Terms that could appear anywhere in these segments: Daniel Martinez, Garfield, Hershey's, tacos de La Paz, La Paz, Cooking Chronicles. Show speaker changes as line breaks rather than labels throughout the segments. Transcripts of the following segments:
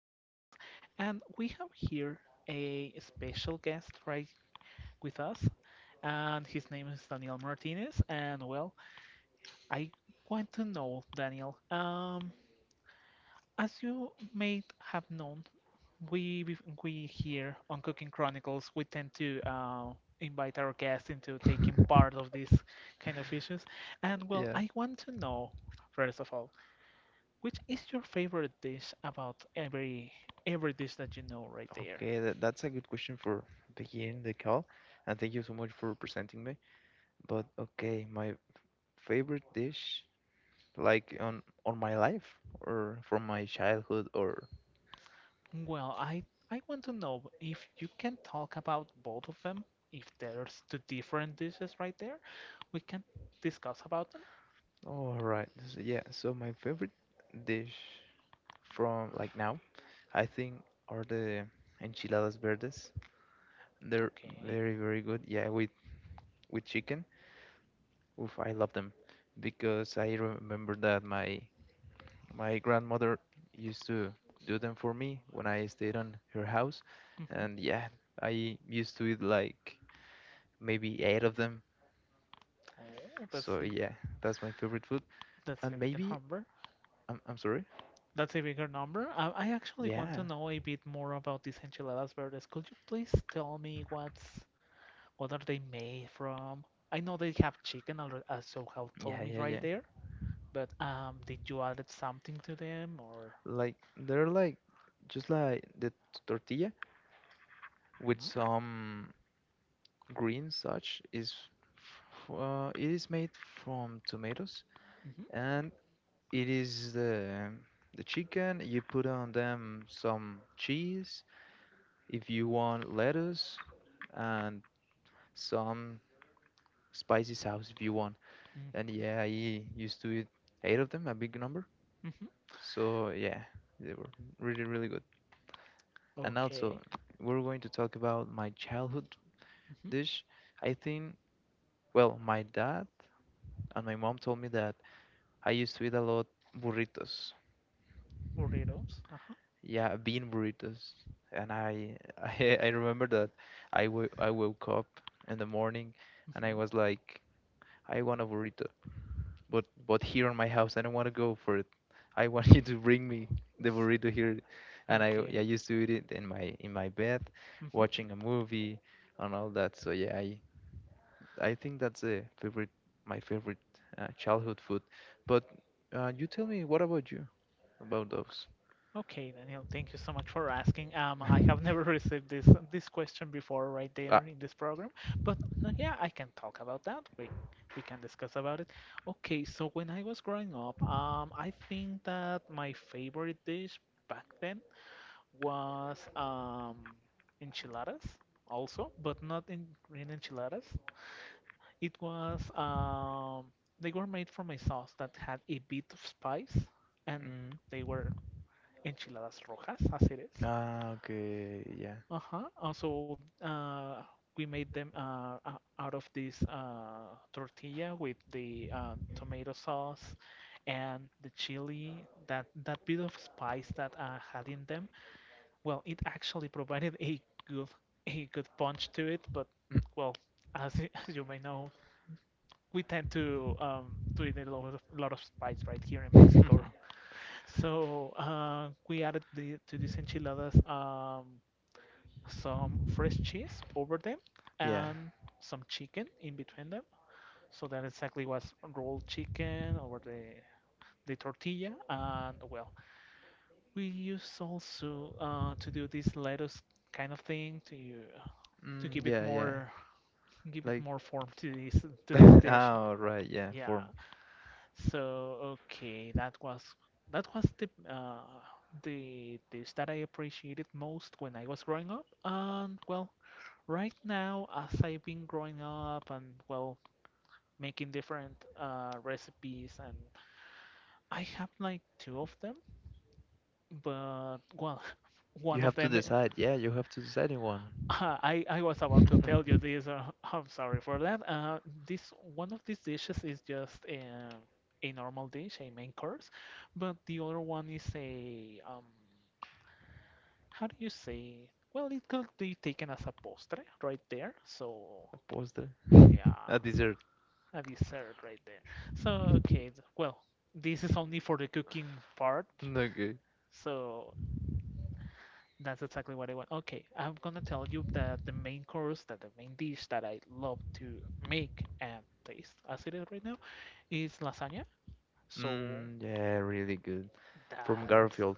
Chronicles, and we have here a special guest right with us, and his name is Daniel Martinez. And well, I want to know, Daniel, as you may have known, we we we here on Cooking Chronicles we tend to invite our guests into taking part of these kind of issues, and well,
Yeah.
I want to know first of all. Which is your favorite dish about every dish that you know right there?
Okay, that's a good question for beginning the call, and thank you so much for presenting me. But okay, my favorite dish, like on my life or from my childhood, or
Well, I want to know if you can talk about both of them, if there's two different dishes right there, we can discuss about them.
all right, so yeah. So my favorite dish from like now, I think, are the enchiladas verdes. They're
Okay.
very very good. Yeah, with chicken. Oof, I love them because I remember that my grandmother used to do them for me when I stayed on her house, and
Hmm.
yeah, I used to eat like maybe eight of them.
Oh,
So yeah, that's my favorite food.
that's a
And
bigger
maybe
number.
I'm sorry.
That's a bigger number. I actually want
Yeah,
to know a bit more about these enchiladas verdes. Could you please tell me what are they made from? I know they have chicken, alre- as you have
yeah,
told me
yeah,
right
yeah.
there. But did you add something to them or?
Like they're like just like the tortilla with
Mhm,
some green such is it is made from tomatoes,
mhm,
and it is the chicken you put on them, some cheese if you want, lettuce, and some spicy sauce if you want. And
mhm,
yeah, I used to eat eight of them, a big number.
mhm.
So yeah, they were really really good. And also,
Okay.
we're going to talk about my childhood
Mhm.
dish. I think, well, my dad and my mom told me that I used to eat a lot burritos.
Burritos. Uh-huh.
Yeah, bean burritos. And I I remember that I woke up in the morning and I
Mhm.
was like, I want a burrito. But here in my house, I don't want to go for it. I want you to bring me the burrito here. And I, yeah, I
Okay.
used to eat it in my bed,
Mhm.
watching a movie and all that. So yeah, I think that's a favorite, my favorite childhood food. But you tell me, what about you? About those?
Okay, Daniel, thank you so much for asking. I have never received this question before right there
Ah,
in this program, but no, yeah, I can talk about that. We can discuss about it. Okay, so when I was growing up, I think that my favorite dish back then was enchiladas also, but not in green enchiladas. It was they were made from a sauce that had a bit of spice, and
mm,
they were enchiladas rojas, as it is.
ah, okay, yeah.
Uh-huh. Also, we made them out of this tortilla with the tomato sauce and the chili, that that bit of spice that had in them. Well, it actually provided good a good punch to it, but well, as you may know, we tend to eat a lot of spice right here in Mexico. So we added the, to these enchiladas some fresh cheese over them
Yeah.
and some chicken in between them. So that exactly was rolled chicken over the tortilla and well, we use also to do this lettuce kind of thing to you to
Mm,
give it
yeah, yeah.
more
Like,
form to this
ah,
dish.
all right, yeah,
Yeah.
form.
So okay, that was the dish that I appreciated most when I was growing up. And well, right now as I've been growing up and well making different recipes and I have like two of them, but well,
You
one of
have to
them.
decide. Yeah, you have to decide in one.
I was about to tell you this. I'm sorry for that. This one of these dishes is just a normal dish, a main course, but the other one is a how do you say? Well, it could be taken as a postre right there. So
A poster.
yeah,
A dessert.
a dessert right there. So okay, well, this is only for the cooking part.
Okay.
So that's exactly what I want. Okay, I'm gonna tell you that the main course, that the main dish that I love to make and taste as it is right now, is lasagna. So
Mm, yeah, really good. From
that's.
Garfield.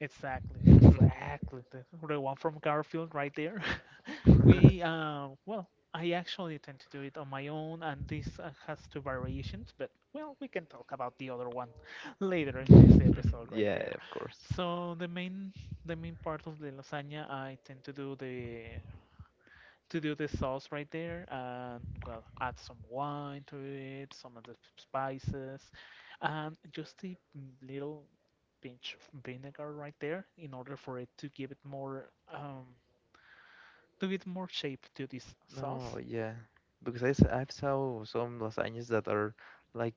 Exactly, exactly. The one from Garfield right there. We, well, I actually tend to do it on my own, and this has two variations, but well, we can talk about the other one later in this episode right
Yeah,
there.
of course.
So the main part of the lasagna, I tend to do the sauce right there and well add some wine to it some of the spices and just a little pinch of vinegar right there in order for it to give it more to give more shape to this
No,
sauce.
yeah. Because I've saw some lasagnas that are like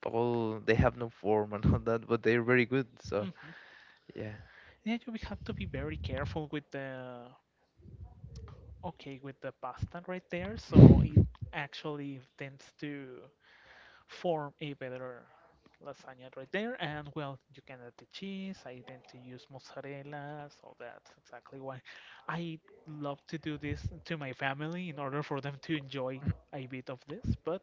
Paul, they have no form and all that, but they're very good. So
Hmm.
yeah,
Yeah, you will have to be very careful with the okay with the pasta right there, so it actually tends to form a better lasagna right there. And well, you can add the cheese. I tend to use mozzarella, so that's exactly why I love to do this to my family in order for them to enjoy a bit of this. But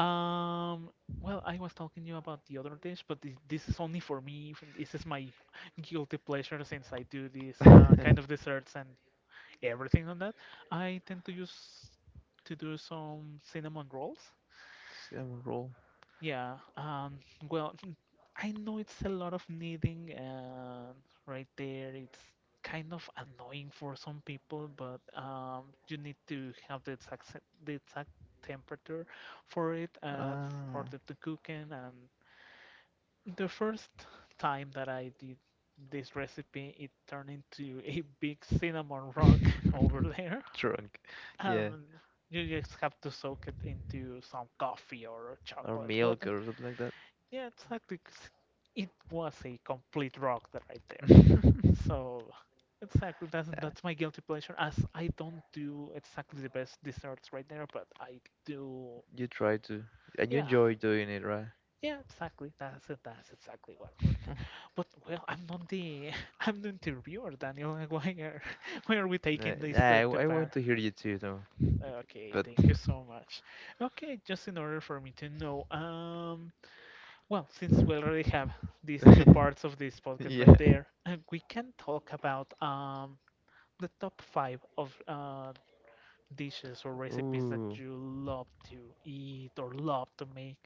um, well, I was talking to you about the other dish, but this is only for me. This is my guilty pleasure since I do this kind of desserts and everything on that. I tend to use to do some cinnamon rolls.
cinnamon roll.
Yeah, well, I know it's a lot of needing, and right there, it's kind of annoying for some people, but you need to have the exact temperature for it, for
Ah,
the cooking. And the first time that I did this recipe, it turned into a big cinnamon rock over there,
drunk. Yeah,
and you just have to soak it into some coffee or
or
chocolate. What?
milk or something like that.
Yeah, exactly. 'Cause it was a complete rock that right there. So, exactly, that's my guilty pleasure. As I don't do exactly the best desserts right
Yeah.
there, but I do.
You try to, and you
Yeah,
enjoy doing it, right?
yeah, exactly. That's it. That's exactly what. We're- but well, I'm not the I'm the interviewer, Daniel. Like, why are why are we taking this
Yeah,
to
I
pair?
want to hear you too, though.
Okay,
But
thank you so much. Okay, just in order for me to know. Well, since we already have these two parts of this podcast
yeah.
right there, we can talk about the top five of dishes or recipes that
Ooh,
you love to eat or love to make.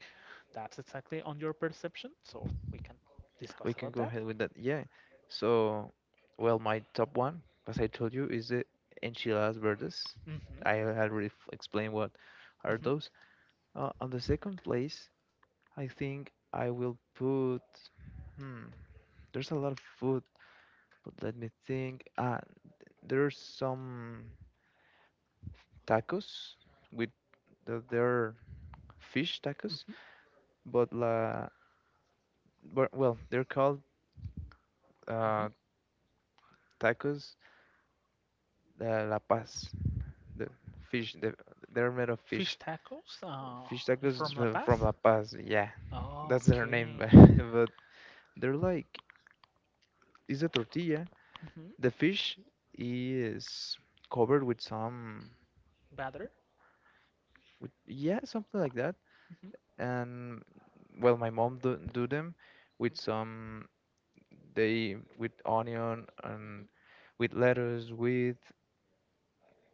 That's exactly on your perception, so we can discuss
we can
about
go
that.
ahead with that. Yeah. So, well, my top one, as I told you, is the enchiladas verdes.
Hmm.
I had already explained what are
Hmm.
those. On the second place, I think I will put. Hmm, there's a lot of food, but let me think. Ah, there's some tacos with the, they're fish tacos,
Hmm.
but la, but, well, they're called
Hmm.
uh, tacos de La Paz. The fish, the, they're made of
Fish
fish.
tacos
Fish tacos
from La
from
Paz.
La Paz. Yeah,
Oh,
that's their name,
okay.
but they're like it's a tortilla.
Mm-hmm.
The fish is covered with some,
Batter.
with, yeah, something like that.
Hmm.
And well, my mom do them with some, they with onion and
Hmm.
with lettuce, with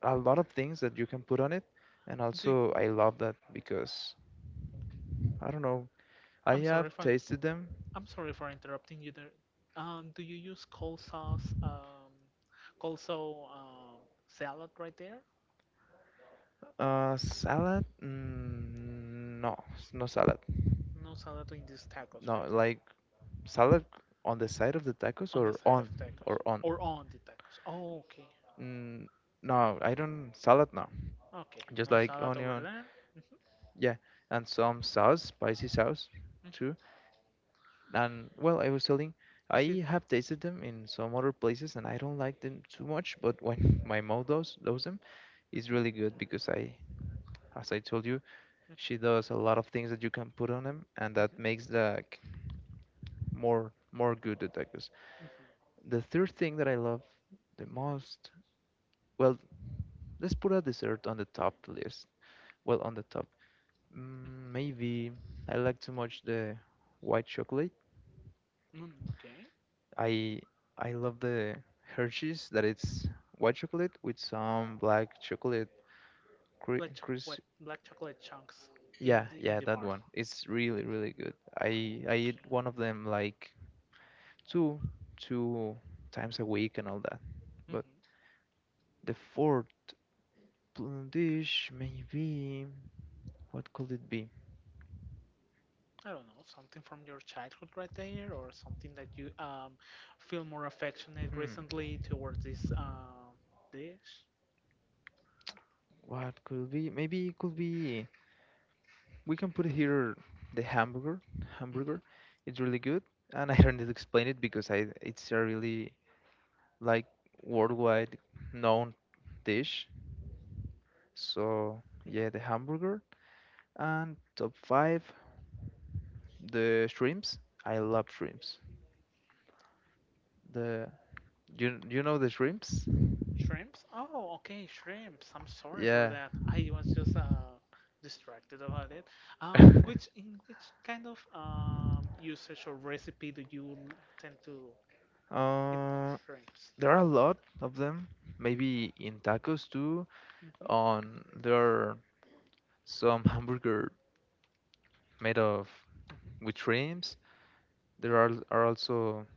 a lot of things that you can put on it. And
Do
also, I love that because I don't know, I
I'm sorry
have
for
tasted them.
I'm sorry for interrupting you there. Do you use cold sauce, also salad right there?
Salad? Mm, no, no salad.
No salad in these tacos
No,
right there.
like salad on the side of the tacos
On the
or
side
on
of tacos
or on.
or on the tacos. Oh, okay.
Mm, no, I don't salad, no.
Okay.
Just
No
like
salad over
onion,
there. Mhm.
yeah, and some sauce, spicy sauce too.
Mhm.
And well, I was telling,
Is it?
I have tasted them in some other places and I don't like them too much, but when my mom does them, it's
Mhm.
really good because I, as I told you, she does a lot of things that you can put on them, and that
Mhm.
makes the more
Mhm.
more good the tacos.
Mhm.
The third thing that I love the most, well, let's put a dessert on the top list. Well, on the top. Mm, maybe I like too much the white chocolate.
Mhm. Mm, okay.
I I love the Hershey's that it's white chocolate with some black chocolate
Black choc what
crisp.
black chocolate chunks in
Yeah, yeah,
the
that
bar.
one. It's really, really good.
Oh,
I eat
okay.
one of them like two two times a week and all that. But
Hmm.
the fourth plain dish, maybe. What could it be?
I don't know, something from your childhood right there, or something that you feel more affectionate
Hmm.
recently towards this dish.
What could be? Maybe it could be. We can put here the hamburger.
Hmm.
Hamburger. It's really good, and I don't need to explain it because I it's a really, like, worldwide known dish. So yeah, the hamburger, and top five the shrimps. I love shrimps. The you know the shrimps?
Shrimps? Oh, okay, shrimps. I'm sorry for
Yeah.
that. I was just distracted about it. Which in which kind of usage or recipe do tend to eat
Uh,
shrimps?
there are a lot of them. Maybe in tacos too.
Mm-hmm.
On there are some hamburger made of
Mm-hmm.
with shrimps. There are also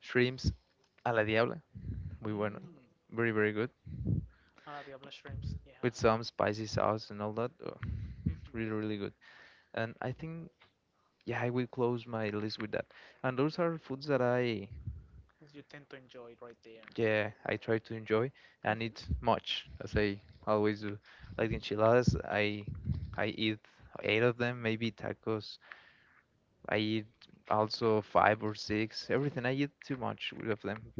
shrimps a la diabla. We went
Mm.
very very good
A la diabla shrimps.
with
Yeah.
some spicy sauce and all that. Oh, really
Mm-hmm.
really good. And I think, yeah, I will close my list with that. And those are foods that I,
You tend to enjoy it right there.
yeah, I try to enjoy and
Mm-hmm.
eat much as I always do. Like the
Mm-hmm.
enchiladas, I eat eight of them, maybe tacos. I eat also five or six. Everything I
Mm-hmm.
eat too much of them.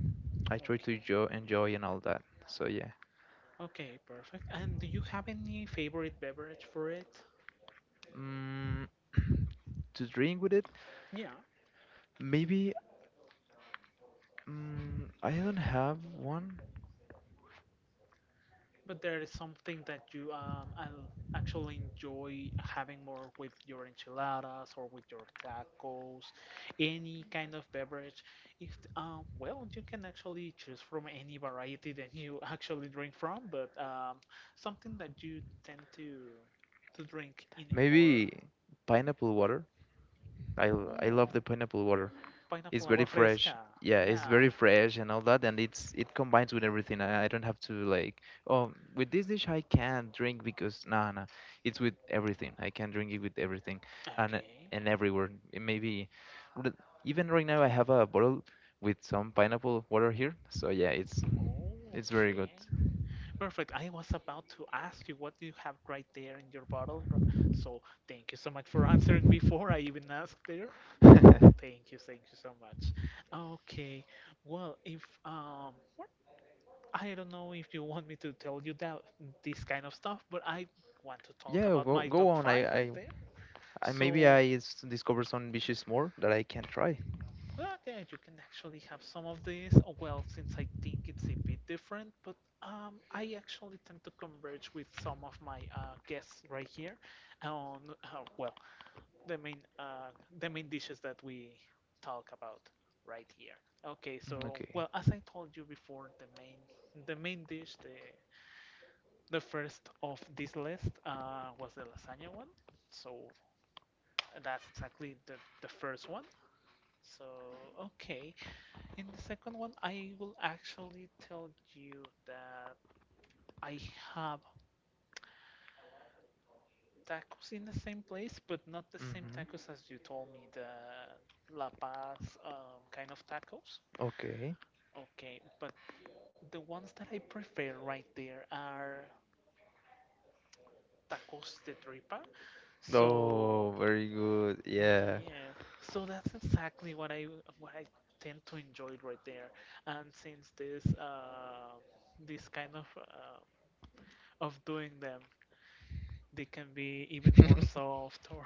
I try to
Okay.
enjoy, enjoy and all that. So yeah.
Okay, perfect. And do you have any favorite beverage for it?
Mm, to drink with it,
Yeah,
maybe mm, I don't have one.
but there is something that you actually enjoy having more with your enchiladas or with your tacos, any kind of beverage. If well, you can actually choose from any variety that you actually drink from, but something that you tend to drink in a more.
Maybe pineapple water? I love
Oh,
the pineapple water. It's
pineapple
very
agua
fresh.
fresca.
Yeah, it's
Yeah.
very fresh and all that, and it's it combines with everything. I don't have to like, oh, with this dish I can't drink because nah, nah, it's with everything. I can drink it with everything, and
Okay.
and everywhere. It maybe even right now I have a bottle with some pineapple water here. So yeah, it's very
Okay.
good.
Perfect. I was about to ask you what do you have right there in your bottle. R- So thank you so much for answering before I even asked there. Thank you so much. Okay, well, if what- I don't know if you want me to tell you that this kind of stuff, but I want to talk
Yeah,
about
go
my
go
top
on. I
five right
I,
there.
I maybe
So,
discover some dishes more that I can try.
well, yeah, you can actually have some of these. Oh, well, since I think it's a bit different, but I actually tend to converge with some of my guests right here on, well, the main uh, the
Mm,
main dishes that we talk about right here. Okay, so
okay.
well, as I told you before, the main dish, the first of this list was the lasagna one. So that's exactly the first one. So okay. In the second one, I will actually tell you that I have tacos in the same place, but not the same
Mm-hmm.
tacos as you told me, the La Paz kind of tacos.
Okay.
Okay, but the ones that I prefer right there are tacos de tripa. So,
Oh, very good. Yeah.
yeah, so that's exactly what I tend to enjoy right there. And since this this kind of doing them they can be even more soft or